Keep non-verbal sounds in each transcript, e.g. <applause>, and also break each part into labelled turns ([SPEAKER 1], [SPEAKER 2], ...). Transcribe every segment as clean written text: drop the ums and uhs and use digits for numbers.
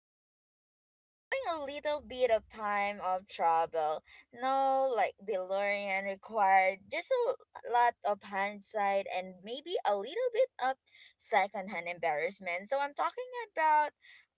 [SPEAKER 1] So today we're doing a little bit of time of travel. No, like DeLorean required, just a lot of hindsight and maybe a little bit of secondhand embarrassment. So I'm talking about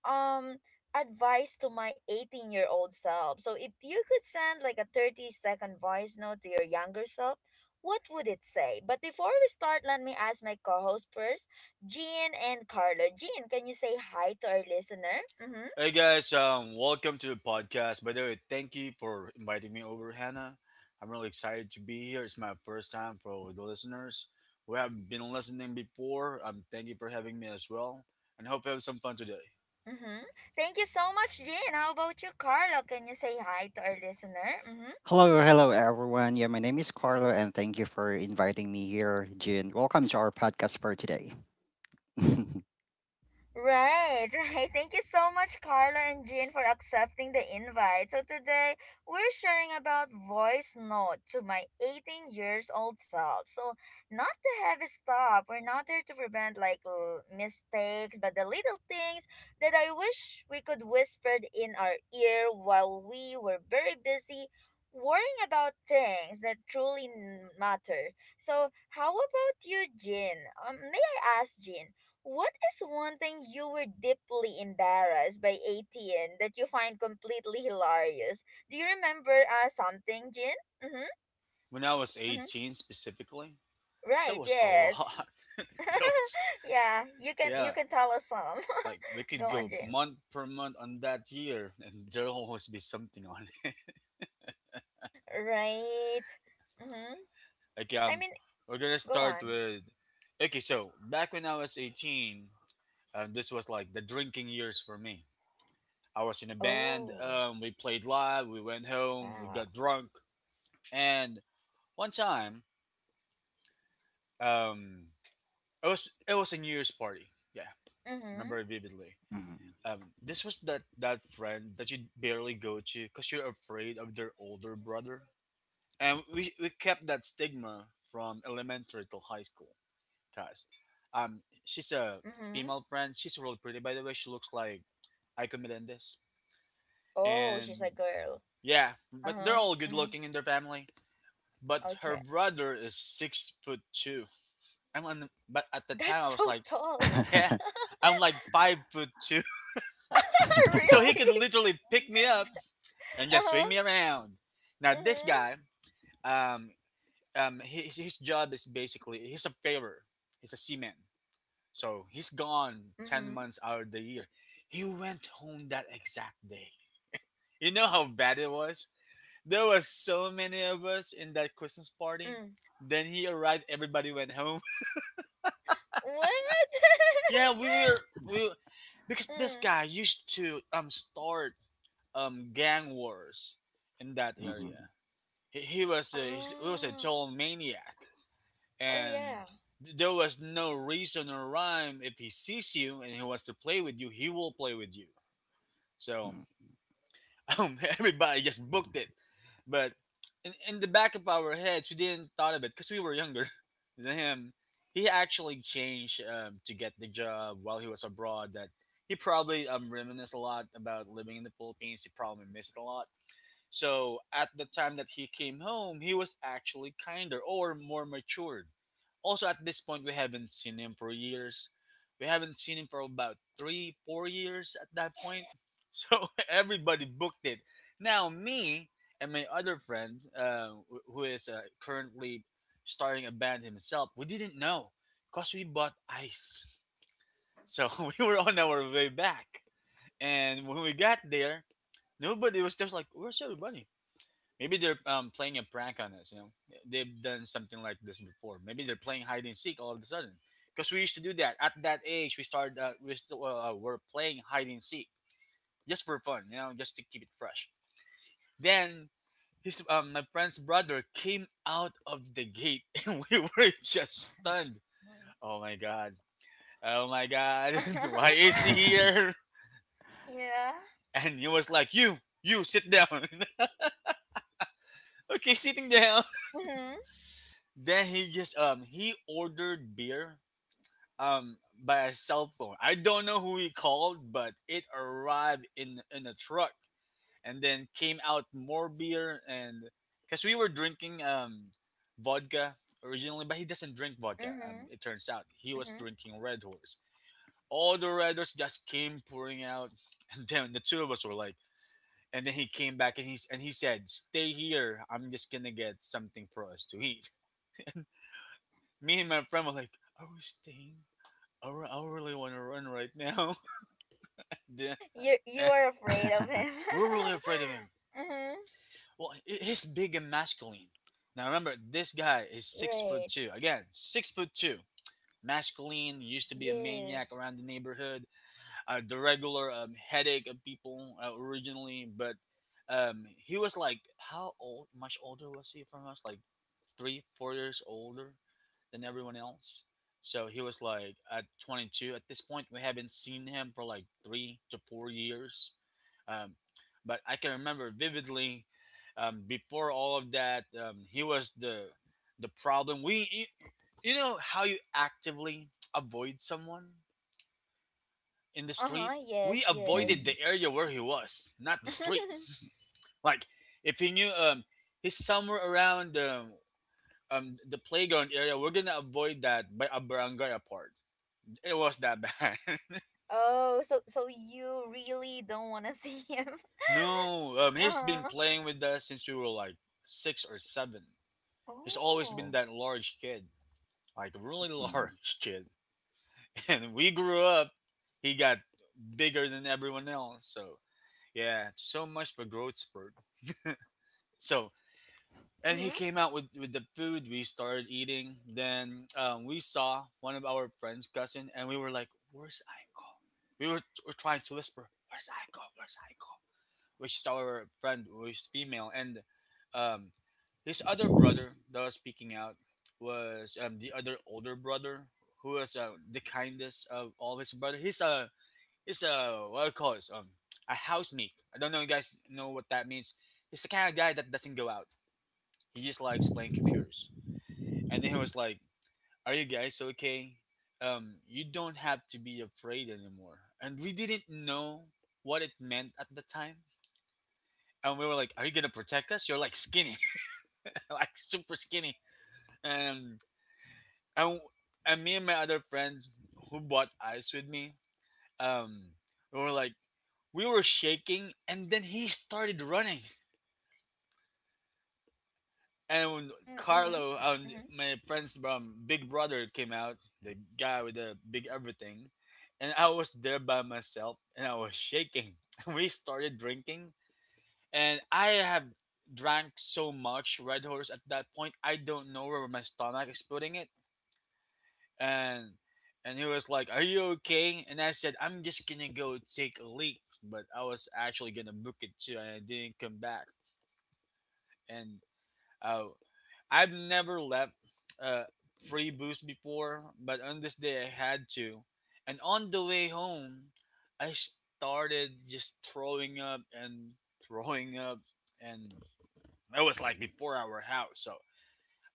[SPEAKER 1] um advice to my 18-year-old self. So if you could send like a 30-second voice note to your younger self. What would it say? But before we start, let me ask my co host first. Jean and Carlo. Jean, can you say hi to our listener? Mm-hmm.
[SPEAKER 2] Hey guys, welcome to the podcast. By the way, thank you for inviting me over, Hannah. I'm really excited to be here. It's my first time for the listeners who have been listening before. Thank you for having me as well, and hope you have some fun today.
[SPEAKER 1] Mm-hmm. Thank you so much, Jean. How about you, Carlo? Can you say hi to our listener? Mm-hmm.
[SPEAKER 3] Hello, hello everyone. Yeah, my name is Carlo and thank you for inviting me here, Jin. Welcome to our podcast for today. <laughs>
[SPEAKER 1] Right, <laughs> right. Thank you so much, Carla and Jean, for accepting the invite. So today we're sharing about voice note to my 18 years old self. So not the heavy stuff. We're not there to prevent like mistakes, but the little things that I wish we could whispered in our ear while we were very busy worrying about things that truly matter. So how about you, Jean? May I ask, Jean? What is one thing you were deeply embarrassed by ATN that you find completely hilarious? Do you remember something, Jin? Mm-hmm,
[SPEAKER 2] When I was
[SPEAKER 1] mm-hmm.
[SPEAKER 2] 18, specifically, that
[SPEAKER 1] Right,
[SPEAKER 2] was a
[SPEAKER 1] yes.
[SPEAKER 2] lot. <laughs> that
[SPEAKER 1] <laughs>
[SPEAKER 2] was
[SPEAKER 1] Yeah, you can you
[SPEAKER 2] yeah,
[SPEAKER 1] can tell us some.
[SPEAKER 2] like we
[SPEAKER 1] <laughs>
[SPEAKER 2] could
[SPEAKER 1] Go on,
[SPEAKER 2] go
[SPEAKER 1] Jin.
[SPEAKER 2] month per month on that year, and there'll always be something on it. <laughs>
[SPEAKER 1] Right. Mm-hmm.
[SPEAKER 2] Like
[SPEAKER 1] I
[SPEAKER 2] um,
[SPEAKER 1] mean,
[SPEAKER 2] we're gonna
[SPEAKER 1] go
[SPEAKER 2] start
[SPEAKER 1] on.
[SPEAKER 2] with okay. So back when I was 18. And this was like the drinking years for me. I was in a band.
[SPEAKER 1] Oh,
[SPEAKER 2] We played live. We went home. We
[SPEAKER 1] wow.
[SPEAKER 2] got drunk. And one time, um, it was a New Year's party. Yeah,
[SPEAKER 1] Mm-hmm,
[SPEAKER 2] remember it vividly.
[SPEAKER 3] Mhm.
[SPEAKER 2] This was that friend that you barely go to because you're afraid of their older brother. And we kept that stigma from elementary till high school. Cause, she's a
[SPEAKER 1] mm-hmm.
[SPEAKER 2] female friend. She's really pretty, by the way. She looks like Iko Melendez.
[SPEAKER 1] Oh, she's
[SPEAKER 2] And
[SPEAKER 1] a girl.
[SPEAKER 2] yeah, but they're
[SPEAKER 1] Uh-huh,
[SPEAKER 2] all good
[SPEAKER 1] mm-hmm.
[SPEAKER 2] looking in their family. But her
[SPEAKER 1] Okay.
[SPEAKER 2] brother is 6 foot two. But at the time I
[SPEAKER 1] That's
[SPEAKER 2] was
[SPEAKER 1] so
[SPEAKER 2] like,
[SPEAKER 1] tall.
[SPEAKER 2] yeah,
[SPEAKER 3] <laughs>
[SPEAKER 1] <laughs>
[SPEAKER 2] I'm like 5 foot two. <laughs> So he could
[SPEAKER 1] Really?
[SPEAKER 2] literally pick me up and just
[SPEAKER 1] Uh-huh.
[SPEAKER 2] swing me around. Now this
[SPEAKER 1] Mm-hmm.
[SPEAKER 2] guy, um, his job is basically he's a favor. He's a seaman. So he's gone ten
[SPEAKER 1] Mm-hmm.
[SPEAKER 2] months out of the year. He went home that exact day. You know how bad it was. There was so many of us in that Christmas party.
[SPEAKER 1] Mm.
[SPEAKER 2] Then he arrived. Everybody went home.
[SPEAKER 1] What?
[SPEAKER 2] <laughs> yeah, we
[SPEAKER 1] <laughs>
[SPEAKER 2] were we were because this
[SPEAKER 1] Mm.
[SPEAKER 2] guy used to start gang wars in that area.
[SPEAKER 3] Mhm.
[SPEAKER 2] He was a
[SPEAKER 1] Ah.
[SPEAKER 2] total maniac,
[SPEAKER 1] Oh
[SPEAKER 2] and
[SPEAKER 1] yeah.
[SPEAKER 2] there was no reason or rhyme. If he sees you and he wants to play with you, he will play with you. So
[SPEAKER 3] Mhm.
[SPEAKER 2] <laughs> everybody just booked it. But in the back of our heads, we didn't thought of it because we were younger <laughs> than him. He actually changed to get the job while he was abroad. That He probably reminisced a lot about living in the Philippines. He probably missed it a lot. So at the time that he came home, he was actually kinder or more matured. Also, at this point, we haven't seen him for years. We haven't seen him for about three, 4 years at that point. So <laughs> everybody booked it. Now, me and my other friend, who is currently starting a band himself, we didn't know because we bought ice. So <laughs> we were on our way back. And when we got there, nobody was just like, "Where's everybody? Maybe they're playing a prank on us. You know, they've done something like this before. Maybe they're playing hide and seek all of a sudden." Because we used to do that at that age. We started. We st- were playing hide and seek just for fun. You know, just to keep it fresh. Then his my friend's brother came out of the gate, <laughs> and we were just stunned. Oh my god! Oh my god! <laughs> Why is
[SPEAKER 1] <laughs>
[SPEAKER 2] he here?
[SPEAKER 1] Yeah.
[SPEAKER 2] And he was like, You sit down." <laughs> Okay, sitting down.
[SPEAKER 1] Mm-hmm.
[SPEAKER 2] Then he just he ordered beer by a cell phone. I don't know who he called, but it arrived in a truck and then came out more beer. And because we were drinking vodka originally, but he doesn't drink vodka.
[SPEAKER 1] Mm-hmm.
[SPEAKER 2] It turns out he was
[SPEAKER 1] Mm-hmm.
[SPEAKER 2] drinking Red Horse. All the Red Horse just came pouring out, <laughs> and then the two of us were like. And then he came back and he said, "Stay here. I'm just gonna get something for us to eat." <laughs> And me and my friend were like, "Are we staying? I really want to run right now." The-
[SPEAKER 1] <laughs> You
[SPEAKER 2] eh,
[SPEAKER 1] are afraid of him.
[SPEAKER 3] <laughs>
[SPEAKER 2] we're really afraid of him.
[SPEAKER 1] <laughs> Mm-hmm.
[SPEAKER 2] Well, he's big and masculine. Now remember, this guy is 6 foot
[SPEAKER 1] Right.
[SPEAKER 2] two. Again, 6 foot two. Masculine, used to be a maniac
[SPEAKER 1] Yes.
[SPEAKER 2] around the neighborhood, the regular headache of people originally. But he was like, how old? Much older was he from us? Like three, 4 years older than everyone else. So he was like at 22 at this point. We haven't seen him for like 3 to 4 years. Um, but I can remember vividly before all of that, he was the problem. You know, how you actively avoid someone in the street.
[SPEAKER 1] Uh-huh.
[SPEAKER 2] We
[SPEAKER 1] Yes,
[SPEAKER 2] avoided
[SPEAKER 1] yes.
[SPEAKER 2] the
[SPEAKER 3] Mhm.
[SPEAKER 2] area where he was, not the street.
[SPEAKER 1] <laughs>
[SPEAKER 2] Like if he knew he's somewhere around the playground area, we're gonna avoid that by a barangay apart. It was that bad. <laughs>
[SPEAKER 1] Oh, so you really don't want to see him. <laughs>
[SPEAKER 2] No, he's
[SPEAKER 1] Uh-huh.
[SPEAKER 2] been playing with us since we were like six or seven. He's always
[SPEAKER 1] Oh.
[SPEAKER 2] been that large kid, like a really
[SPEAKER 3] Mhm.
[SPEAKER 2] large <laughs> kid. And we grew up, he got bigger than everyone else. So yeah, so much for growth spurt. So and he
[SPEAKER 1] Mm-hmm.
[SPEAKER 2] came out with the food we started eating. Then we saw one of our friends' cousin, and we were like, "Where's Aiko?" Were trying to whisper, "Where's Aiko? Where's Aiko?" which is our friend who is female, and um, his other brother that was speaking out was the other older brother who was the kindest of all his brother. He's a what do you call this, a housemate. I don't know if you guys know what that means. He's the kind of guy that doesn't go out. He just likes playing computers. And then he was like, "Are you guys okay? You don't have to be afraid anymore." And we didn't know what it meant at the time and we were like, "Are you gonna protect us? You're like skinny, <laughs> like super skinny." And and and me and my other friend who bought ice with me, um, we were like, we were shaking, and then he started running. And when
[SPEAKER 1] Mm-hmm.
[SPEAKER 2] Carlo,
[SPEAKER 1] Mm-hmm.
[SPEAKER 2] my friend's big brother came out, the guy with the big everything, and I was there by myself, and I was shaking. <laughs> We started drinking, and I have drank so much Red Horse at that point. I don't know where my stomach is putting it, and he was like, "Are you okay?" And I said, "I'm just gonna go take a leak," but I was actually gonna book it too, and I didn't come back. And uh, I've never left uh, free booze before, but on this day I had to. And on the way home, I started just throwing up and throwing up. And it was like before our house, so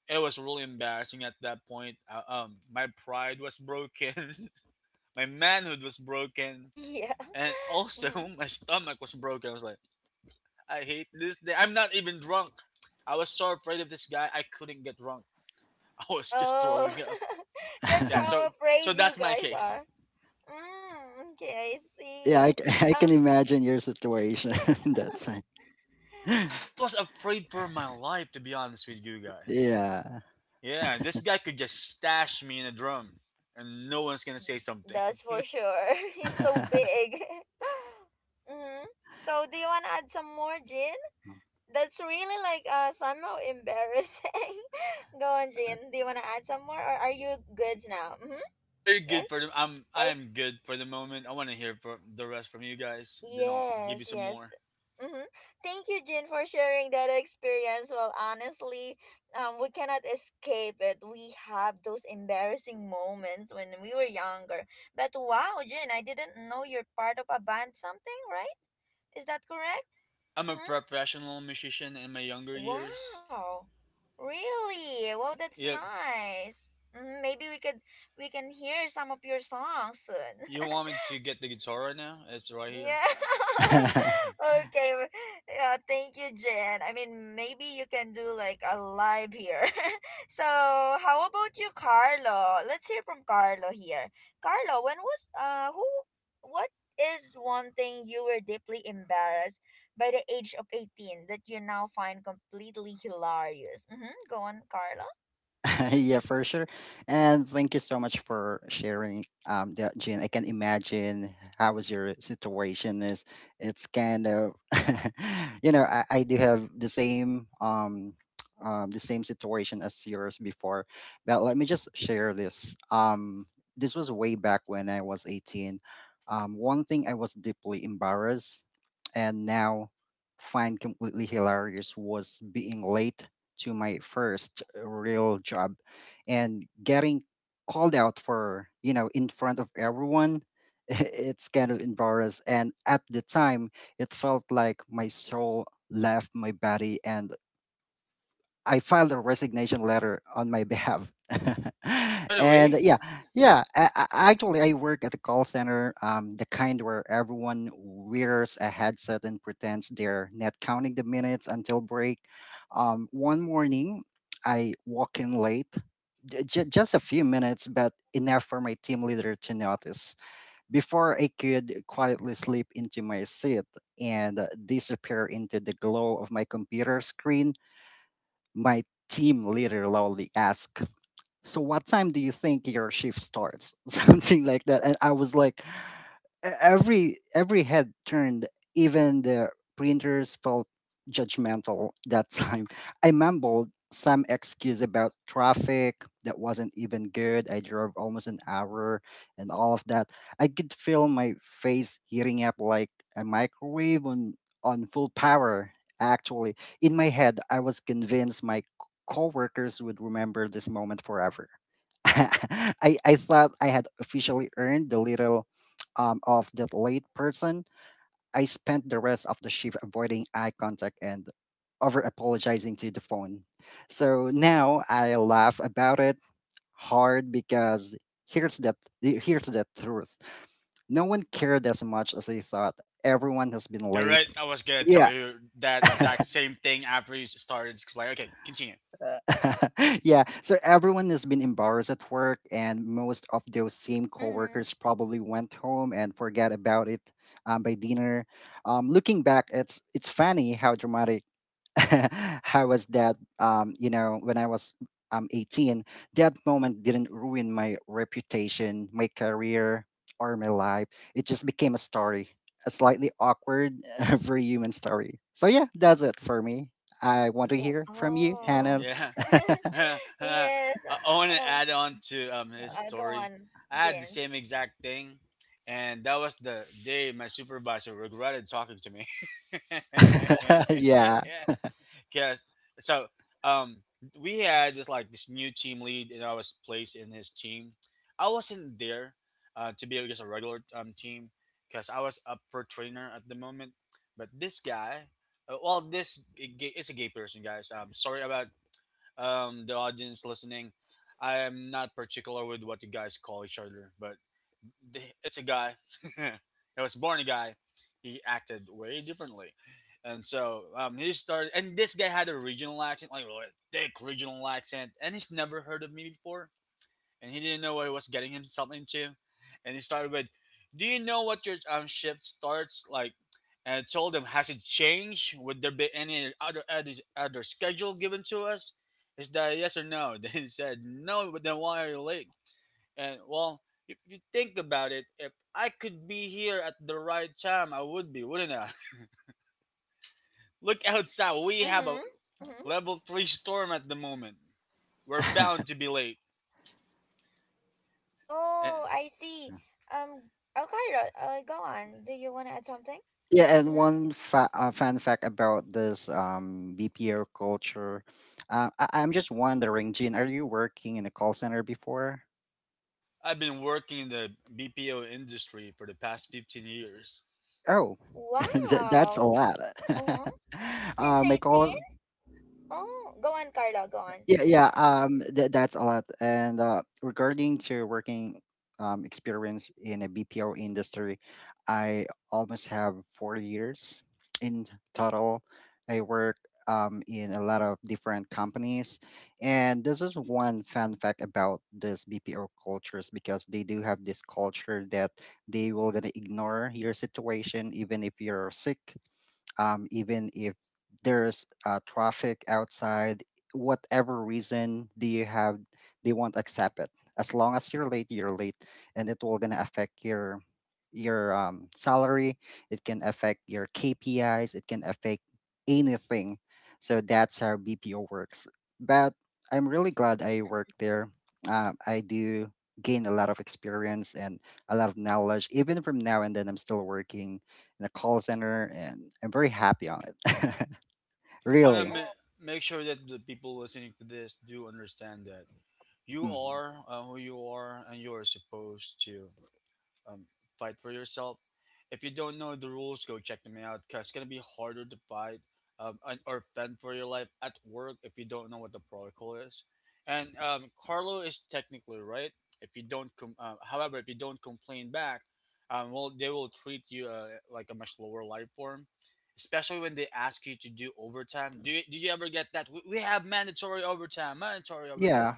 [SPEAKER 2] it was really embarrassing at that point. My pride was broken, <laughs> my manhood was
[SPEAKER 1] <laughs>
[SPEAKER 2] broken,
[SPEAKER 1] Yeah.
[SPEAKER 2] and
[SPEAKER 1] <laughs>
[SPEAKER 2] also
[SPEAKER 1] Mm-hmm.
[SPEAKER 2] <laughs> my stomach was broken. I was like, I hate this day. I'm not even drunk. I was so afraid of this guy, I couldn't get drunk. <laughs> I was just
[SPEAKER 1] Oh,
[SPEAKER 2] throwing up.
[SPEAKER 1] <laughs> that's
[SPEAKER 2] Yeah, so
[SPEAKER 1] how
[SPEAKER 3] <laughs>
[SPEAKER 2] so
[SPEAKER 1] afraid you
[SPEAKER 2] that's my
[SPEAKER 1] guys
[SPEAKER 2] case.
[SPEAKER 1] are. Mm, okay, I
[SPEAKER 3] Yeah,
[SPEAKER 1] see.
[SPEAKER 3] <laughs> I
[SPEAKER 1] Uh,
[SPEAKER 3] can imagine your situation <laughs> that time.
[SPEAKER 2] I was
[SPEAKER 3] <laughs>
[SPEAKER 2] afraid for my life, to be honest with you guys.
[SPEAKER 3] Yeah.
[SPEAKER 2] Yeah, this guy could just stash me in a drum, and no one's gonna say
[SPEAKER 1] <laughs>
[SPEAKER 2] something.
[SPEAKER 1] that's for sure. <laughs> He's so
[SPEAKER 3] <laughs>
[SPEAKER 1] big. <laughs> Mm-hmm. So, do you want to add some more, Jin? That's really like somehow embarrassing. <laughs> Go on, Jin. Do you want to add some more, or are you goods now? Mm-hmm.
[SPEAKER 2] Are you good for
[SPEAKER 1] Yes.
[SPEAKER 2] the? I am good for the moment. I want to hear from the rest from you guys. Then I'll give you
[SPEAKER 1] Yes,
[SPEAKER 2] some
[SPEAKER 1] yes.
[SPEAKER 2] more.
[SPEAKER 1] Mm-hmm. Thank you, Jin, for sharing that experience. Well, honestly, we cannot escape it. We have those embarrassing moments when we were younger. But wow, Jin, I didn't know you're part of a band something, right? Is that correct?
[SPEAKER 2] I'm a
[SPEAKER 1] Mm-hmm.
[SPEAKER 2] professional musician in my younger years.
[SPEAKER 1] Wow. Really? Well, that's
[SPEAKER 2] Yeah,
[SPEAKER 1] nice. Hmm. Maybe we could we can hear some of your songs soon.
[SPEAKER 2] you
[SPEAKER 1] <laughs>
[SPEAKER 2] want me to get the guitar right now? It's right here,
[SPEAKER 1] Yeah.
[SPEAKER 3] <laughs>
[SPEAKER 1] <laughs> Okay. Yeah, thank you, Jen. I mean, maybe you can do like a live here. <laughs> So, how about you, Carlo? Let's hear from Carlo here. Carlo, when was who what is one thing you were deeply embarrassed by the age of 18 that you now find completely hilarious? Mhm. Go on, Carlo. Mhm.
[SPEAKER 3] Yeah, for sure. And thank you so much for sharing that, Jean. I can imagine how was your situation is. It's kind of <laughs> I do have the same <tsk> the same situation as yours before. But let me just share this. This was way back when I was 18. One thing I was deeply embarrassed and now find completely hilarious was being late to my first real job and getting called out for, in front of everyone. <laughs> It's kind of embarrassed. And at the time, it felt like my soul left my body and I filed a resignation letter on my behalf. <laughs>
[SPEAKER 2] right
[SPEAKER 3] And
[SPEAKER 2] away.
[SPEAKER 3] yeah, yeah. Actually, I work at a call center, the kind where everyone wears a headset and pretends they're not counting the minutes until break. One morning, I walk in late, just a few minutes, but enough for my team leader to notice. Before I could quietly slip into my seat and disappear into the glow of my computer screen, my team leader loudly asked, "So, what time do you think your shift starts?" <laughs> Something like that. And I was like, every head turned, even the printers felt judgmental that <laughs> time. I mumbled some excuse about traffic that wasn't even good. I drove almost an hour, and all of that, I could feel my face heating up like a microwave on full power, actually. In my head, I was convinced my coworkers would remember this moment forever. <laughs> I thought I had officially earned the little, of that late person. I spent the rest of the shift avoiding eye contact and over apologizing to the phone. So now I laugh about it hard because here's that here's the truth. No one cared as much as they thought. Everyone has been
[SPEAKER 2] You're
[SPEAKER 3] late.
[SPEAKER 2] right. I was gonna tell
[SPEAKER 3] Yeah.
[SPEAKER 2] you that exact
[SPEAKER 3] <laughs>
[SPEAKER 2] same thing after you started explaining. Okay, continue.
[SPEAKER 3] <laughs> Yeah, so everyone has been embarrassed at work, and most of those same
[SPEAKER 1] Mhm.
[SPEAKER 3] coworkers probably went home and forgot about it, by dinner. Looking back, it's funny how dramatic. <laughs> How was that, when I was 18, that moment didn't ruin my reputation, my career, or my life. It just became a story, a slightly awkward <laughs> very human story. So yeah, that's it for me. I
[SPEAKER 2] Uh,
[SPEAKER 3] want to
[SPEAKER 1] Oh,
[SPEAKER 3] hear from you,
[SPEAKER 1] oh.
[SPEAKER 3] Hannah.
[SPEAKER 2] yeah,
[SPEAKER 1] <laughs>
[SPEAKER 2] <laughs> I
[SPEAKER 1] Yes.
[SPEAKER 2] want to
[SPEAKER 1] Oh,
[SPEAKER 2] add on to his
[SPEAKER 1] go
[SPEAKER 2] story.
[SPEAKER 1] on,
[SPEAKER 2] I had the
[SPEAKER 1] Jen.
[SPEAKER 2] same exact thing, and that was the day my supervisor regretted talking to me. <laughs>
[SPEAKER 3] <laughs> Yeah,
[SPEAKER 2] Because so um, we had this like this new team lead, and I was placed in his team. I wasn't there to be just a regular team because I was up for trainer at the moment. But this guy, well, this is a gay person, guys. I'm sorry about the audience listening, I am not particular with what you guys call each other, but it's a guy. <laughs> He was born a guy. He acted way differently. And so he started, and this guy had a regional accent, like really thick regional accent, and he's never heard of me before and he didn't know what he was getting himself into. And he started with, "Do you know what your shift starts like?" And I told him, "Has it changed? Would there be any other schedule given to us? Is that a yes or no?" <laughs> Then he said, "No." But then why are you late? And well, if you think about it, if I could be here at the right time, I would be, wouldn't I? <laughs> Look outside. We have a
[SPEAKER 1] Mm-hmm. Mm-hmm.
[SPEAKER 2] level three storm at the moment. We're bound to be late. And
[SPEAKER 1] Oh, I see. Um, okay, go on. Do you want to add something?
[SPEAKER 3] yeah, and
[SPEAKER 1] Mm-hmm.
[SPEAKER 3] one fun fact about this BPO culture. I'm just wondering, Jean, are you working in a call center before?
[SPEAKER 2] I've been working in the BPO industry for the past 15 years.
[SPEAKER 3] Oh, <laughs> that's a
[SPEAKER 1] Wow.
[SPEAKER 3] lot.
[SPEAKER 1] Uh-huh.
[SPEAKER 3] <laughs>
[SPEAKER 1] Since
[SPEAKER 3] I call
[SPEAKER 1] 18? Oh, go on, Carla, go on.
[SPEAKER 3] Yeah, yeah,
[SPEAKER 1] Uh,
[SPEAKER 3] that's a lot. And regarding to working experience in a BPO industry, I almost have 4 years in total. I work in a lot of different companies, and this is one fun fact about this BPO cultures, because they do have this culture that they will gonna ignore your situation, even if you're sick, even if there's traffic outside, whatever reason do you have, they won't accept it. As long as you're late, you're late, and it will gonna affect your, salary. It can affect your KPIs, it can affect anything. So that's how BPO works. But I'm really glad I work there. I do gain a lot of experience and a lot of knowledge, even from now and then I'm still working in a call center, and I'm very happy on it. <laughs>
[SPEAKER 2] I want to
[SPEAKER 3] Really.
[SPEAKER 1] oh,
[SPEAKER 2] make sure that the people listening to this do understand that you
[SPEAKER 3] Mhm.
[SPEAKER 2] are who you are and you are supposed to. um, Fight for yourself. If you don't know the rules, go check them out because it's gonna be harder to fight or fend for your life at work if you don't know what the protocol is. And Carlo is technically right. If you don't, however, if you don't complain back, well, they will treat you like a much lower life form. Especially when they ask you to do overtime. Do you ever get that? We have mandatory overtime, mandatory
[SPEAKER 3] Yeah.
[SPEAKER 2] overtime.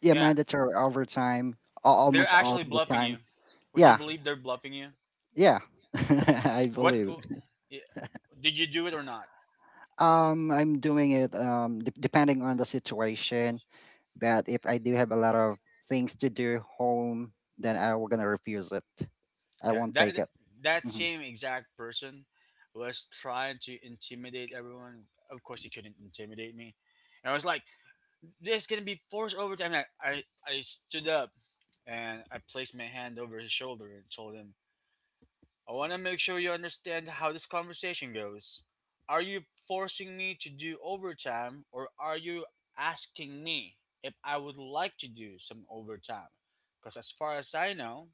[SPEAKER 3] Yeah,
[SPEAKER 2] Yeah,
[SPEAKER 3] mandatory overtime, al-
[SPEAKER 2] they're
[SPEAKER 3] almost all
[SPEAKER 2] actually
[SPEAKER 3] of the
[SPEAKER 2] bluffing
[SPEAKER 3] time.
[SPEAKER 2] you. Would you
[SPEAKER 3] Yeah.
[SPEAKER 2] believe they're bluffing you?
[SPEAKER 3] Yeah. <laughs> I
[SPEAKER 2] What?
[SPEAKER 3] believe.
[SPEAKER 2] Yeah, did you do it or not?
[SPEAKER 3] I'm doing it, depending on the situation, but if I do have a lot of things to do home, then I will gonna refuse it. I
[SPEAKER 2] Yeah,
[SPEAKER 3] won't take
[SPEAKER 2] that
[SPEAKER 3] it.
[SPEAKER 2] that
[SPEAKER 3] Mhm.
[SPEAKER 2] same exact person was trying to intimidate everyone. Of course he couldn't intimidate me, and I was like, this is gonna be forced overtime. And I stood up and I placed my hand over his shoulder and told him, I want to make sure you understand how this conversation goes. Are you forcing me to do overtime, or are you asking me if I would like to do some overtime? Because as far as I know,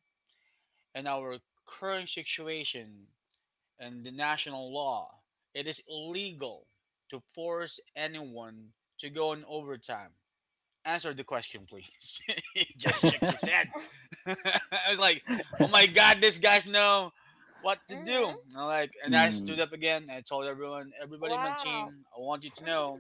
[SPEAKER 2] in our current situation and the national law, it is illegal to force anyone to go on overtime. Answer the question, please. <laughs> He just shook his
[SPEAKER 3] <laughs>
[SPEAKER 2] head. <laughs> I was like, oh my God, this guy's know what to do.
[SPEAKER 1] mm-hmm.
[SPEAKER 2] And like, and I
[SPEAKER 3] Mm,
[SPEAKER 2] stood up again. I told everyone, everybody in my
[SPEAKER 1] Wow.
[SPEAKER 2] team, I want you to know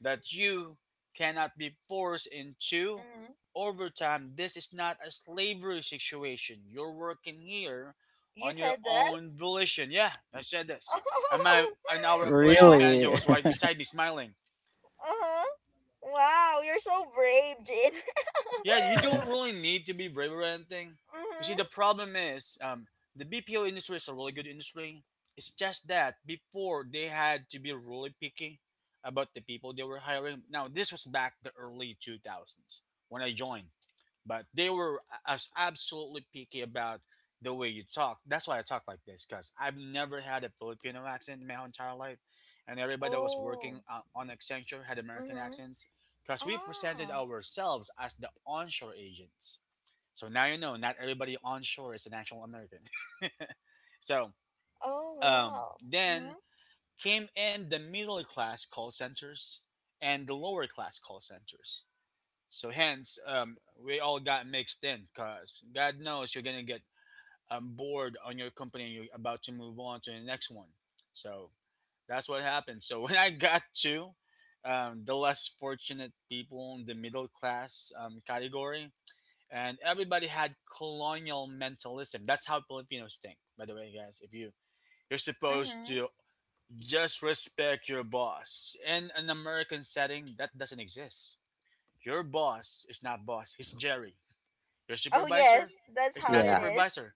[SPEAKER 2] that you cannot be forced into
[SPEAKER 1] Mm.
[SPEAKER 2] overtime. This is not a slavery situation. You're working here
[SPEAKER 1] You
[SPEAKER 2] on your
[SPEAKER 1] said that?
[SPEAKER 2] own volition. Yeah, I said this.
[SPEAKER 1] <laughs>
[SPEAKER 2] And my
[SPEAKER 1] Oh,
[SPEAKER 2] and our operations
[SPEAKER 1] yeah.
[SPEAKER 2] manager
[SPEAKER 3] really?
[SPEAKER 2] was right
[SPEAKER 3] <laughs>
[SPEAKER 2] beside me, smiling.
[SPEAKER 1] Uh-huh. Wow, you're so brave, Jin. <laughs>
[SPEAKER 2] Yeah, you don't really need to be brave or anything. You see, the
[SPEAKER 1] Mm-hmm.
[SPEAKER 2] problem is the BPO industry is a really good industry. It's just that before they had to be really picky about the people they were hiring. Now, this was back the early 2000s when I joined, but they were as absolutely picky about the way you talk. That's why I talk like this because I've never had a Filipino accent in my whole entire life, and everybody that was working
[SPEAKER 1] Oh,
[SPEAKER 2] on Accenture had American
[SPEAKER 1] mm-hmm.
[SPEAKER 2] accents because we presented
[SPEAKER 1] Ah,
[SPEAKER 2] ourselves as the onshore agents. So now you know not everybody onshore is an actual American. <laughs> So
[SPEAKER 1] oh, well.
[SPEAKER 2] then
[SPEAKER 1] Mm-hmm.
[SPEAKER 2] came in the middle class call centers and the lower class call centers. So hence, we all got mixed in because God knows you're gonna get bored on your company and you're about to move on to the next one. So that's what happened. So <laughs> when I got to the less fortunate people in the middle class category, and everybody had colonial mentalism. That's how Filipinos think, by the way, guys. If you're supposed
[SPEAKER 1] Mm-hmm.
[SPEAKER 2] to just respect your boss in an American setting, that doesn't exist. Your boss is not boss. He's Jerry. Your
[SPEAKER 1] Oh
[SPEAKER 2] supervisor
[SPEAKER 1] yes, that's
[SPEAKER 2] is
[SPEAKER 1] how
[SPEAKER 2] not
[SPEAKER 1] it
[SPEAKER 3] Yeah.
[SPEAKER 1] is.
[SPEAKER 2] supervisor.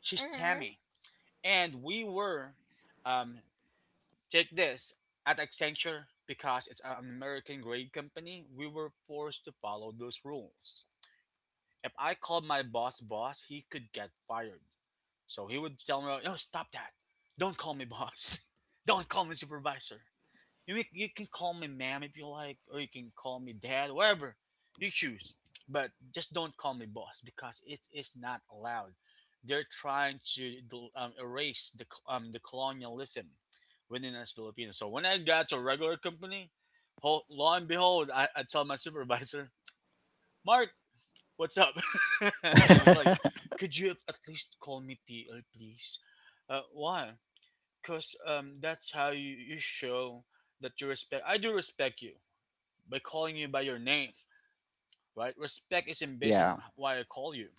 [SPEAKER 2] She's
[SPEAKER 1] Mhm.
[SPEAKER 2] Tammy. And um, take this at Accenture because it's an American grade company. We were forced to follow those rules. If I called my boss boss, he could get fired. So he would tell me, "No, stop that! Don't call me boss. <laughs> Don't call me supervisor." You can call me ma'am if you like, or you can call me dad, whatever you choose. But just don't call me boss because it is not allowed. They're trying to erase the colonialism within us Filipinos. So when I got to a regular company, lo and behold, I tell my supervisor, Mark, what's up? <laughs> I was like,
[SPEAKER 3] <laughs>
[SPEAKER 2] could you at least call me TL, please? Why? Cause that's how you show that you respect. I do respect you by calling you by your name, right? Respect isn't based on
[SPEAKER 3] Yeah.
[SPEAKER 2] why I call you,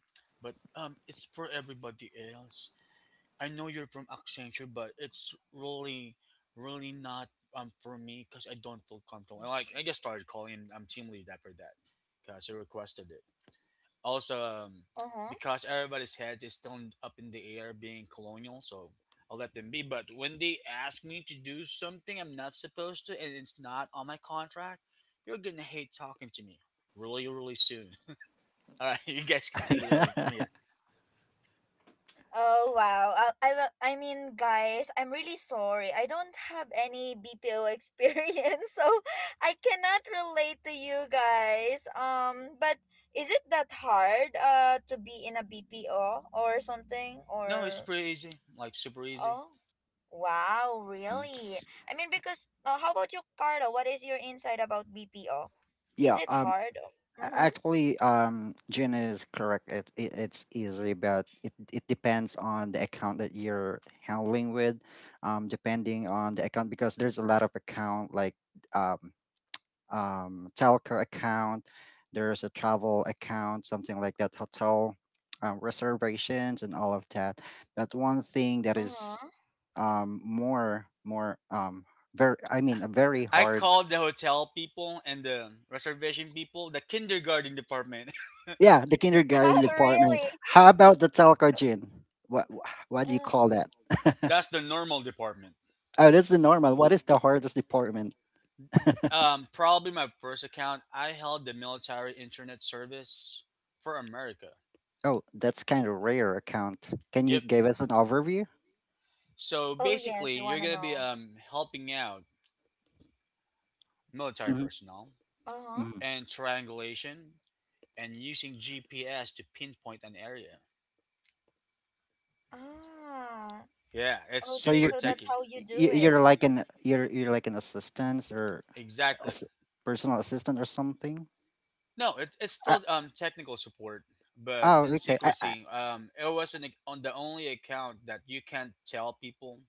[SPEAKER 2] but it's for everybody else. I know you're from Accenture, but it's really, really not for me because I don't feel comfortable. And like I just started calling him. I'm team lead after that, cause he requested it. Also,
[SPEAKER 1] Uh-huh.
[SPEAKER 2] because everybody's heads is turned up in the air, being colonial, so I'll let them be. But when they ask me to do something I'm not supposed to, and it's not on my contract, you're gonna hate talking to me really, really soon. <laughs> All right, you guys can take it over from
[SPEAKER 3] <laughs>
[SPEAKER 2] here.
[SPEAKER 1] Oh wow. I mean guys, I'm really sorry. I don't have any BPO experience, <laughs> so I cannot relate to you guys. But is it that hard to be in a BPO or something
[SPEAKER 2] No, it's
[SPEAKER 1] or
[SPEAKER 2] pretty easy, like super easy.
[SPEAKER 1] oh wow,
[SPEAKER 3] Mhm.
[SPEAKER 1] really? I mean because how about you Carla? What is your insight about BPO? Is
[SPEAKER 3] Yeah.
[SPEAKER 1] it
[SPEAKER 3] Um
[SPEAKER 1] hard?
[SPEAKER 3] A-
[SPEAKER 1] Mhm.
[SPEAKER 3] Actually, um, Gina is correct. It's easy, but it depends on the account that you're handling with. Depending on the account, because there's a lot of account like um telco account, there's a travel account, something like that, hotel, reservations, and all of that. But one thing that is
[SPEAKER 1] Uh-huh.
[SPEAKER 3] more, very, I
[SPEAKER 2] I
[SPEAKER 3] mean, a very
[SPEAKER 2] I
[SPEAKER 3] hard.
[SPEAKER 2] called the hotel people and the reservation people the kindergarten department.
[SPEAKER 3] Yeah, the
[SPEAKER 1] <laughs>
[SPEAKER 3] kindergarten
[SPEAKER 1] Oh
[SPEAKER 3] department.
[SPEAKER 1] really?
[SPEAKER 3] How about the telco, Gene? What what do you
[SPEAKER 1] Mm.
[SPEAKER 3] call that?
[SPEAKER 2] <laughs>
[SPEAKER 3] <laughs>
[SPEAKER 2] That's the normal department.
[SPEAKER 3] Oh, that's the normal. What is the hardest department?
[SPEAKER 2] Probably my first account. I held the military internet service for America.
[SPEAKER 3] Oh, that's kind of rare account. Can you
[SPEAKER 2] Yep.
[SPEAKER 3] give us an overview?
[SPEAKER 2] So
[SPEAKER 1] Oh yes,
[SPEAKER 2] basically,
[SPEAKER 1] I
[SPEAKER 2] you're
[SPEAKER 1] wanna
[SPEAKER 2] gonna be
[SPEAKER 1] know.
[SPEAKER 2] helping out military
[SPEAKER 3] Hmm.
[SPEAKER 2] personnel
[SPEAKER 1] Uh huh.
[SPEAKER 3] Hmm.
[SPEAKER 2] and triangulation and using GPS to pinpoint an area.
[SPEAKER 1] Ah,
[SPEAKER 2] Yeah, it's
[SPEAKER 3] So
[SPEAKER 1] okay.
[SPEAKER 2] super
[SPEAKER 3] you
[SPEAKER 1] So
[SPEAKER 3] you
[SPEAKER 1] that's
[SPEAKER 2] techy.
[SPEAKER 1] how you do
[SPEAKER 3] you- you're
[SPEAKER 1] it.
[SPEAKER 3] like an you're you're like an assistant or
[SPEAKER 2] Exactly.
[SPEAKER 3] as- personal assistant or something.
[SPEAKER 2] No, it's
[SPEAKER 3] I,
[SPEAKER 2] still technical support, but
[SPEAKER 3] oh,
[SPEAKER 2] in
[SPEAKER 3] okay. I,
[SPEAKER 2] secrecy. It was on the only account that you can't tell people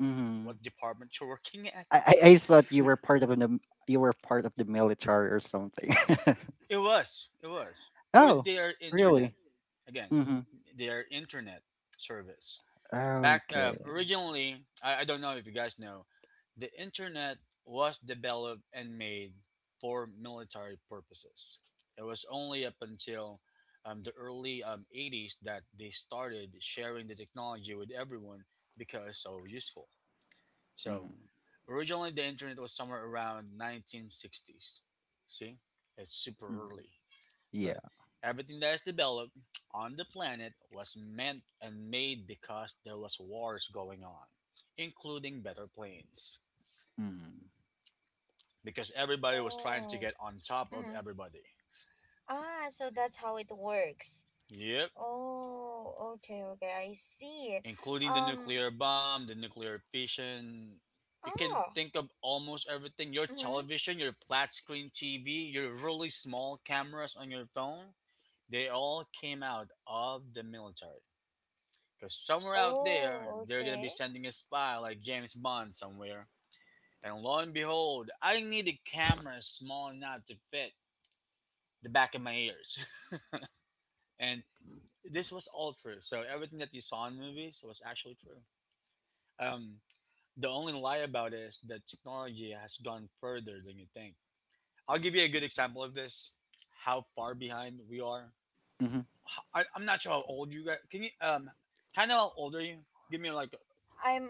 [SPEAKER 3] hmm
[SPEAKER 2] what department you're <laughs> working at.
[SPEAKER 3] I thought you were part of the military or something. <laughs>
[SPEAKER 2] It was. It was for
[SPEAKER 3] Oh,
[SPEAKER 2] their internet.
[SPEAKER 3] really?
[SPEAKER 2] Again,
[SPEAKER 3] Hmm.
[SPEAKER 2] their internet service. Back
[SPEAKER 3] Okay.
[SPEAKER 2] originally, I don't know if you guys know, the internet was developed and made for military purposes. It was only up until the early 80s that they started sharing the technology with everyone because it's so useful. So
[SPEAKER 3] Mhm,
[SPEAKER 2] originally, the internet was somewhere around 1960s. See, it's super
[SPEAKER 3] mhm.
[SPEAKER 2] early.
[SPEAKER 3] Yeah.
[SPEAKER 2] But everything that is developed on the planet was meant and made because there was wars going on, including better planes.
[SPEAKER 3] Mhm,
[SPEAKER 2] Because everybody was trying to
[SPEAKER 1] Oh.
[SPEAKER 2] get on top of
[SPEAKER 1] Mm-hmm.
[SPEAKER 2] everybody.
[SPEAKER 1] Ah, so that's how it works.
[SPEAKER 2] Yep,
[SPEAKER 1] Oh, okay, okay. I see.
[SPEAKER 2] including the
[SPEAKER 1] Um.
[SPEAKER 2] nuclear bomb, the nuclear fission. You can
[SPEAKER 1] Ah.
[SPEAKER 2] think of almost everything your
[SPEAKER 1] Mm-hmm.
[SPEAKER 2] television, your flat screen TV, your really small cameras on your phone. They all came out of the military. Because somewhere out there,
[SPEAKER 1] Oh,
[SPEAKER 2] they're going to be
[SPEAKER 1] okay.
[SPEAKER 2] sending a spy like James Bond somewhere. And lo and behold, I need a camera small enough to fit the back of my ears. <laughs> And this was all true. So everything that you saw in movies was actually true. Um, the only lie about it is that technology has gone further than you think. I'll give you a good example of this. How far behind we are.
[SPEAKER 3] mhm.
[SPEAKER 2] I'm not sure how old you guys. Can you Hannah, how old are you? Give me like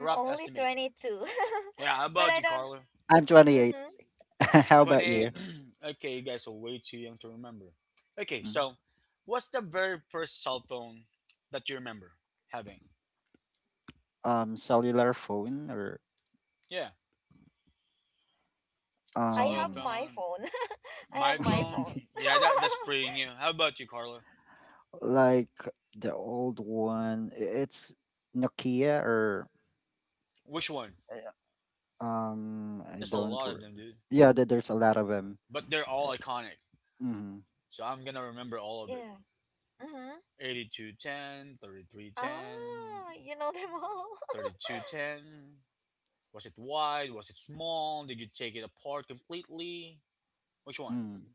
[SPEAKER 2] a rough
[SPEAKER 1] only
[SPEAKER 2] estimate.
[SPEAKER 1] 22,
[SPEAKER 2] Yeah, how
[SPEAKER 1] <laughs> but
[SPEAKER 2] about
[SPEAKER 1] I
[SPEAKER 2] you,
[SPEAKER 1] don't.
[SPEAKER 2] Carla?
[SPEAKER 3] I'm 28.
[SPEAKER 1] Mm-hmm.
[SPEAKER 3] <laughs> How about
[SPEAKER 2] 28.
[SPEAKER 3] you?
[SPEAKER 2] <clears throat> Okay, you guys are way too young to remember. Okay,
[SPEAKER 3] Mhm.
[SPEAKER 2] so what's the very first cell phone that you remember having?
[SPEAKER 3] Cellular phone or
[SPEAKER 2] Yeah,
[SPEAKER 1] I
[SPEAKER 2] cell
[SPEAKER 1] have
[SPEAKER 3] um,
[SPEAKER 1] my
[SPEAKER 2] phone,
[SPEAKER 1] phone. <laughs> I have
[SPEAKER 2] my
[SPEAKER 1] my
[SPEAKER 2] phone.
[SPEAKER 1] phone.
[SPEAKER 3] <laughs>
[SPEAKER 2] Yeah, that's pretty
[SPEAKER 1] <laughs>
[SPEAKER 2] new. How about you, Carla?
[SPEAKER 3] like the old one. It's Nokia or
[SPEAKER 2] Which one?
[SPEAKER 3] I
[SPEAKER 2] There's a
[SPEAKER 3] don't.
[SPEAKER 2] lot of them, dude.
[SPEAKER 3] Yeah, there's a lot of them.
[SPEAKER 2] But they're all iconic.
[SPEAKER 3] Mm-hmm.
[SPEAKER 2] So I'm going to remember all of it.
[SPEAKER 1] Yeah. Mm-hmm.
[SPEAKER 2] 82, ten, 33, ten,
[SPEAKER 1] Ah, you know them all.
[SPEAKER 2] 32,
[SPEAKER 1] <laughs>
[SPEAKER 2] ten. Was it wide? Was it small? Did you take it apart completely? Which one?
[SPEAKER 3] Mm.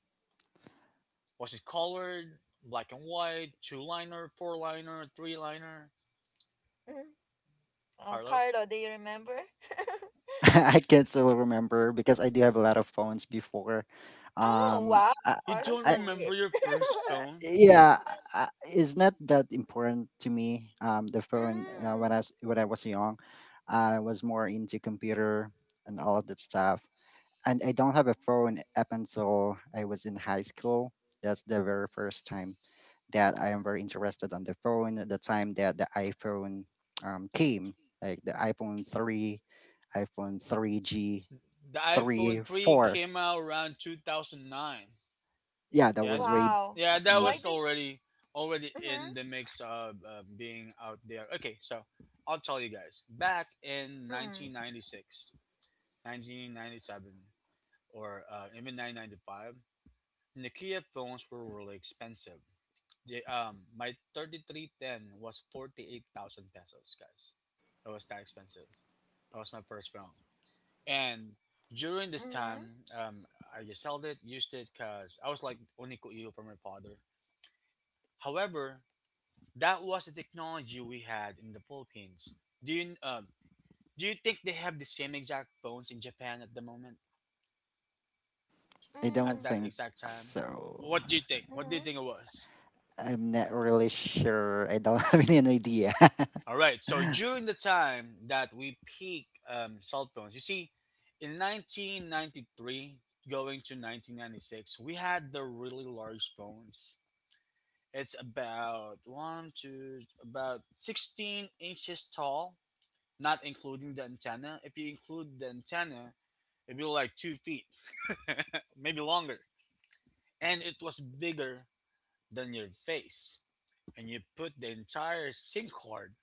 [SPEAKER 2] What's it colored? Black and white, two liner, four liner, three liner.
[SPEAKER 1] Mm. Oh,
[SPEAKER 2] Carlo,
[SPEAKER 1] Carlo, do you remember? <laughs>
[SPEAKER 3] <laughs> I can't still remember because I do have a lot of phones before.
[SPEAKER 1] Oh,
[SPEAKER 3] Um,
[SPEAKER 1] wow.
[SPEAKER 3] I,
[SPEAKER 2] you
[SPEAKER 1] Carlo's
[SPEAKER 2] don't
[SPEAKER 3] I
[SPEAKER 1] so
[SPEAKER 2] remember
[SPEAKER 1] rich.
[SPEAKER 2] your first
[SPEAKER 3] Uh,
[SPEAKER 2] phone?
[SPEAKER 3] yeah it's not that important to me, the
[SPEAKER 1] <laughs> Mm.
[SPEAKER 3] phone, when I was young. I was more into computer and all of that stuff, and I don't have a phone up until I was in high school. That's the very first time that I am very interested on the phone, at the time that the iPhone came, like the iPhone 3, iPhone 3G,
[SPEAKER 2] The
[SPEAKER 3] 3,
[SPEAKER 2] iPhone 3
[SPEAKER 3] 4.
[SPEAKER 2] came out around 2009.
[SPEAKER 3] Yeah, that
[SPEAKER 2] Yeah,
[SPEAKER 3] was way.
[SPEAKER 1] Wow.
[SPEAKER 2] yeah, that
[SPEAKER 3] mm,
[SPEAKER 1] Why
[SPEAKER 2] was
[SPEAKER 1] do you...
[SPEAKER 2] already
[SPEAKER 1] Mm-hmm.
[SPEAKER 2] in the mix of being out there. Okay, so I'll tell you guys. Back in
[SPEAKER 1] Mm.
[SPEAKER 2] 1996, 1997, or even 1995, Nokia phones were really expensive. My 3310 was 48,000 pesos, guys. It was that expensive. That was my first phone. And during this
[SPEAKER 1] Mm-hmm.
[SPEAKER 2] time, I just held it, used it, because I was like onikuyo from my father. However, that was the technology we had in the Philippines. Do you, um, do you think they have the same exact phones in Japan at the moment,
[SPEAKER 3] I don't
[SPEAKER 2] at
[SPEAKER 1] Mm.
[SPEAKER 2] that
[SPEAKER 3] think
[SPEAKER 2] exact time?
[SPEAKER 3] so.
[SPEAKER 2] What do you think? What do you
[SPEAKER 1] Mm-hmm.
[SPEAKER 2] think it was?
[SPEAKER 3] I'm not really
[SPEAKER 1] <laughs>
[SPEAKER 3] sure. I don't <laughs> have any idea.
[SPEAKER 2] All right. So
[SPEAKER 3] <laughs>
[SPEAKER 2] during the time that we peak cell phones, you see, in 1993 going to 1996, we had the really large phones. It's about one to about 16 inches tall, not including the antenna. If you include the antenna, it'd be like 2 feet, <laughs> maybe longer. And it was bigger than your face. And you put the entire SIM card.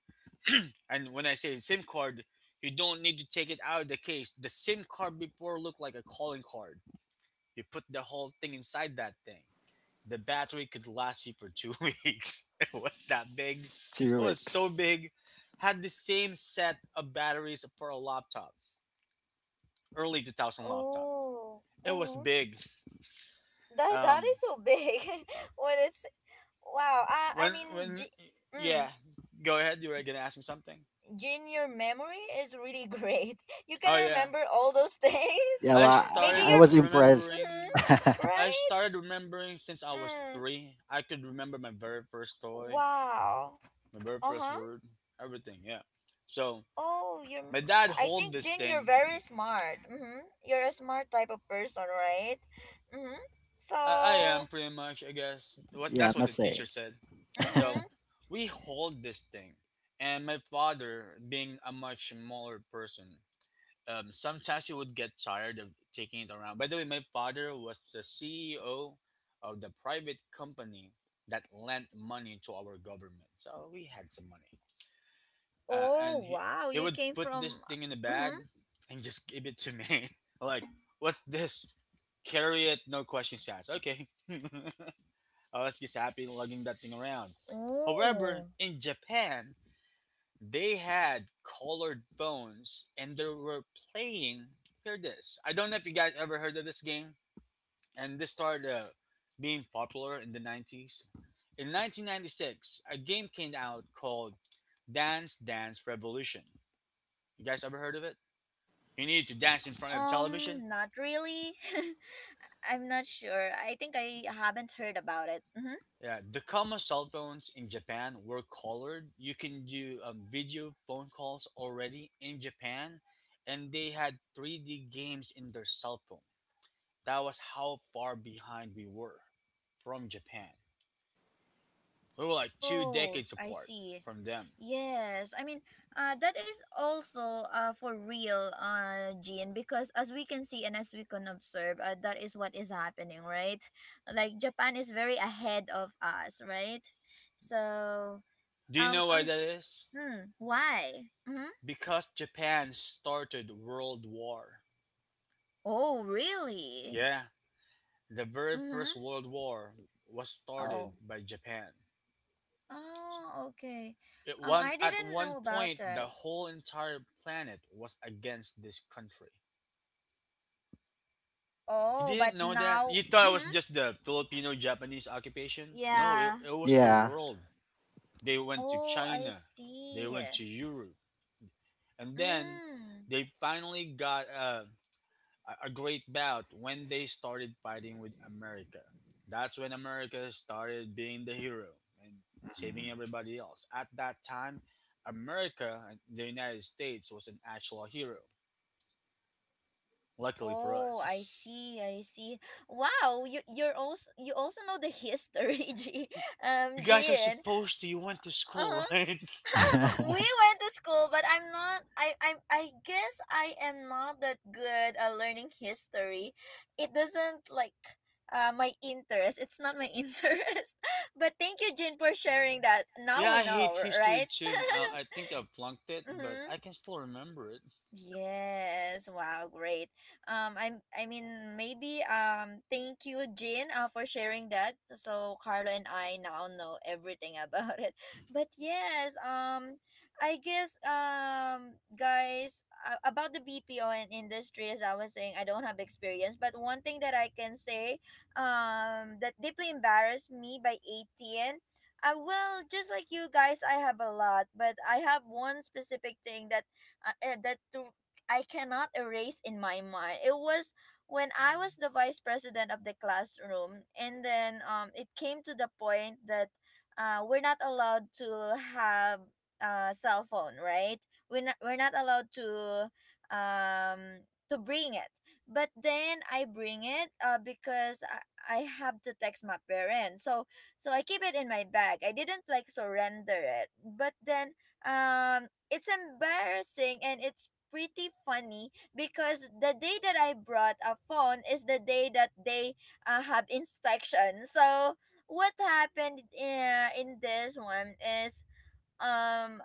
[SPEAKER 2] And when I say SIM card, you don't need to take it out of the case. The SIM card before looked like a calling card. You put the whole thing inside that thing. The battery could last you for two <laughs> weeks. It was that big.
[SPEAKER 3] Two
[SPEAKER 2] It was so
[SPEAKER 3] weeks.
[SPEAKER 2] big. Had the same set of batteries for a laptop, early 2000 laptop.
[SPEAKER 1] Oh.
[SPEAKER 2] It was
[SPEAKER 1] Mm-hmm.
[SPEAKER 2] big.
[SPEAKER 1] That that
[SPEAKER 2] Um,
[SPEAKER 1] is so big. <laughs> When it's wow. I mean,
[SPEAKER 2] when
[SPEAKER 1] G-, mm,
[SPEAKER 2] Yeah, go ahead. You were gonna ask me something.
[SPEAKER 1] Jin, your memory is really great. <laughs> You can
[SPEAKER 2] Oh yeah,
[SPEAKER 1] remember all those things.
[SPEAKER 3] Yeah, well,
[SPEAKER 2] I
[SPEAKER 1] <laughs> Maybe
[SPEAKER 3] I
[SPEAKER 2] started
[SPEAKER 1] your
[SPEAKER 3] was impressed.
[SPEAKER 1] mm-hmm,
[SPEAKER 2] remembering I
[SPEAKER 1] right?
[SPEAKER 2] started remembering since I was
[SPEAKER 1] Mm,
[SPEAKER 2] 3. I could remember my very first toy,
[SPEAKER 1] wow.
[SPEAKER 2] my very first
[SPEAKER 1] Uh-huh.
[SPEAKER 2] word, everything. Yeah. So
[SPEAKER 1] Oh, you're
[SPEAKER 2] my dad
[SPEAKER 1] I
[SPEAKER 2] hold
[SPEAKER 1] think
[SPEAKER 2] this
[SPEAKER 1] Jin, you're
[SPEAKER 2] thing.
[SPEAKER 1] very smart. Mm-hmm. You're a smart type of person, right? Mm-hmm.
[SPEAKER 2] I
[SPEAKER 1] So,
[SPEAKER 2] am pretty much, I guess. What
[SPEAKER 3] Yeah, I
[SPEAKER 2] That's what
[SPEAKER 3] must
[SPEAKER 2] the
[SPEAKER 3] say.
[SPEAKER 2] teacher said.
[SPEAKER 3] <laughs>
[SPEAKER 1] mm-hmm.
[SPEAKER 2] So we hold this thing, and my father, being a much smaller person, sometimes he would get tired of taking it around. By the way, my father was the CEO of the private company that lent money to our government, so we had some money. uh,
[SPEAKER 1] Oh,
[SPEAKER 2] and he
[SPEAKER 1] wow.
[SPEAKER 2] he
[SPEAKER 1] You
[SPEAKER 2] would
[SPEAKER 1] came
[SPEAKER 2] put this
[SPEAKER 1] from
[SPEAKER 2] thing in the
[SPEAKER 1] mm-hmm.
[SPEAKER 2] bag and just give it to me. <laughs> Like, what's this? Carry it, no questions asked. Okay, <laughs> I was just happy lugging that thing around. However,
[SPEAKER 1] Oh.
[SPEAKER 2] in Japan, they had colored phones and they were playing. Hear this. I don't know if you guys ever heard of this game, and this started being popular in the 90s. In 1996, a game came out called Dance Dance Revolution. You guys ever heard of it? You needed to dance in front of a television?
[SPEAKER 1] Not really. <laughs> I'm not sure. I think I haven't heard about it. Mm-hmm.
[SPEAKER 2] Yeah, the Kama cell phones in Japan were colored. You can do video phone calls already in Japan, and they had 3D games in their cell phone. That was how far behind we were from Japan. We were like two
[SPEAKER 1] Oh,
[SPEAKER 2] decades
[SPEAKER 1] I
[SPEAKER 2] apart
[SPEAKER 1] see.
[SPEAKER 2] from them.
[SPEAKER 1] Yes, I mean, that is also for real, Jean, because as we can see and as we can observe, that is what is happening, right? Like Japan is very ahead of us, right? So,
[SPEAKER 2] Do you
[SPEAKER 1] um,
[SPEAKER 2] know why
[SPEAKER 1] um,
[SPEAKER 2] that is?
[SPEAKER 1] hmm, why? Mm-hmm.
[SPEAKER 2] Because Japan started World War.
[SPEAKER 1] Oh, really?
[SPEAKER 2] Yeah, the very
[SPEAKER 1] Mm-hmm.
[SPEAKER 2] first World War was
[SPEAKER 1] Oh,
[SPEAKER 2] started by Japan.
[SPEAKER 1] oh, okay.
[SPEAKER 2] At one
[SPEAKER 1] I
[SPEAKER 2] at
[SPEAKER 1] didn't
[SPEAKER 2] one
[SPEAKER 1] know about
[SPEAKER 2] point, the
[SPEAKER 1] that.
[SPEAKER 2] whole entire planet was against this country. You
[SPEAKER 1] Oh, but
[SPEAKER 2] didn't know that?
[SPEAKER 1] now,
[SPEAKER 2] You thought it was
[SPEAKER 1] mm-hmm.
[SPEAKER 2] just the Filipino-Japanese occupation? No, it,
[SPEAKER 1] Yeah.
[SPEAKER 2] it was the
[SPEAKER 3] Yeah.
[SPEAKER 2] world. They went to
[SPEAKER 1] Oh, I
[SPEAKER 2] China. They
[SPEAKER 1] see.
[SPEAKER 2] went to Europe, and then
[SPEAKER 1] Mm.
[SPEAKER 2] they finally got a great bout when they started fighting with America. That's when America started being the hero and
[SPEAKER 3] Mhm.
[SPEAKER 2] saving everybody else. At that time, America, the United States, was an actual hero. Luckily for
[SPEAKER 1] Oh, I
[SPEAKER 2] us. <laughs>
[SPEAKER 1] see. I see. Wow, you also know the history, <laughs> G.
[SPEAKER 2] You guys are
[SPEAKER 1] Gian.
[SPEAKER 2] supposed to. You went to school,
[SPEAKER 1] Uh-huh.
[SPEAKER 2] right?
[SPEAKER 1] <laughs> We
[SPEAKER 3] <laughs>
[SPEAKER 1] went to school, but I guess I am not that good at learning history. It doesn't like my interest. It's not my <laughs> interest. But thank you, Jin, for sharing that.
[SPEAKER 2] <laughs>
[SPEAKER 1] Now
[SPEAKER 2] Yeah,
[SPEAKER 1] we
[SPEAKER 2] I
[SPEAKER 1] know,
[SPEAKER 2] hate history
[SPEAKER 1] right?
[SPEAKER 2] too. I think I flunked it,
[SPEAKER 1] <laughs>
[SPEAKER 2] but
[SPEAKER 1] Mm-hmm.
[SPEAKER 2] I can still remember it.
[SPEAKER 1] Yes, wow, great. I mean, maybe, thank you, Jean, for sharing that. So Carlo and I now know everything about it. <laughs> But yes, I guess, guys, about the BPO and industry, as I was saying, I don't have experience, but one thing that I can say, that deeply embarrassed me by 18, well, just like you guys, I have a lot, but I have one specific thing that that to I cannot erase in my mind. It was when I was the vice president of the classroom, and then it came to the point that we're not allowed to have a cell phone, right? We're not allowed to bring it. But then I bring it because I have to text my parents. So so I keep it in my bag. I didn't like surrender it. But then it's embarrassing and it's pretty funny because the day that I brought a phone is the day that they have inspection. So what happened in this one is um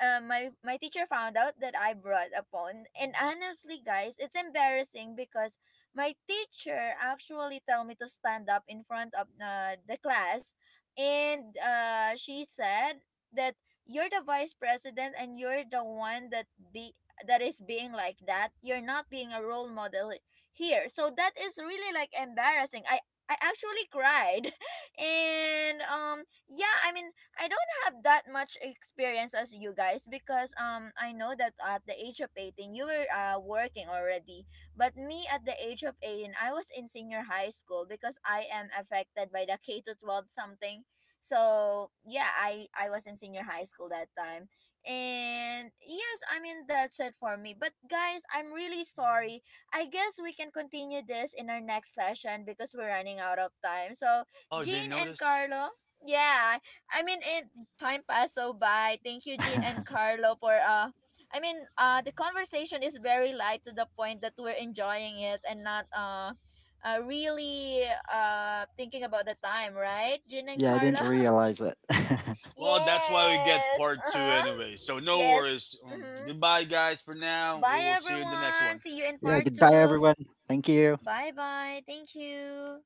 [SPEAKER 1] my teacher found out that I brought a phone. And honestly, guys, it's embarrassing because my teacher actually told me to stand up in front of the class, and she said that you're the vice president and you're the one that be that is being like that. You're not being a role model here. So that is really like embarrassing. I actually cried, <laughs> and yeah, I mean I don't have that much experience as you guys because I know that at the age of 18 you were working already. But me at the age of 18 I was in senior high school because I am affected by the <laughs> K to 12 something. So, yeah, I was in senior high school that time. And yes, I mean that's it for me. But guys, I'm really sorry. I guess we can continue this in our next session because we're running out of time. So,
[SPEAKER 2] Oh, did you
[SPEAKER 1] Jean and
[SPEAKER 2] notice?
[SPEAKER 1] Carlo, yeah, I mean, it time passed so by. Thank you, Jean and Carlo, for I mean, the conversation is very light to the point that we're enjoying it and not really thinking about the time, right, Jean and
[SPEAKER 3] Yeah, I didn't
[SPEAKER 1] Carlo?
[SPEAKER 3] realize it. <laughs>
[SPEAKER 1] <laughs>
[SPEAKER 2] Well, that's why we get
[SPEAKER 1] Yes.
[SPEAKER 2] part
[SPEAKER 1] Uh
[SPEAKER 2] two
[SPEAKER 1] huh.
[SPEAKER 2] anyway. So no
[SPEAKER 1] Yes.
[SPEAKER 2] worries.
[SPEAKER 1] Mm-hmm.
[SPEAKER 2] Goodbye, guys, for now. We
[SPEAKER 1] Bye,
[SPEAKER 2] will see you in the next
[SPEAKER 1] everyone.
[SPEAKER 2] one.
[SPEAKER 1] See you in
[SPEAKER 3] Yeah,
[SPEAKER 1] part
[SPEAKER 3] goodbye,
[SPEAKER 1] two.
[SPEAKER 3] everyone. Thank you.
[SPEAKER 1] Bye, bye. Thank you.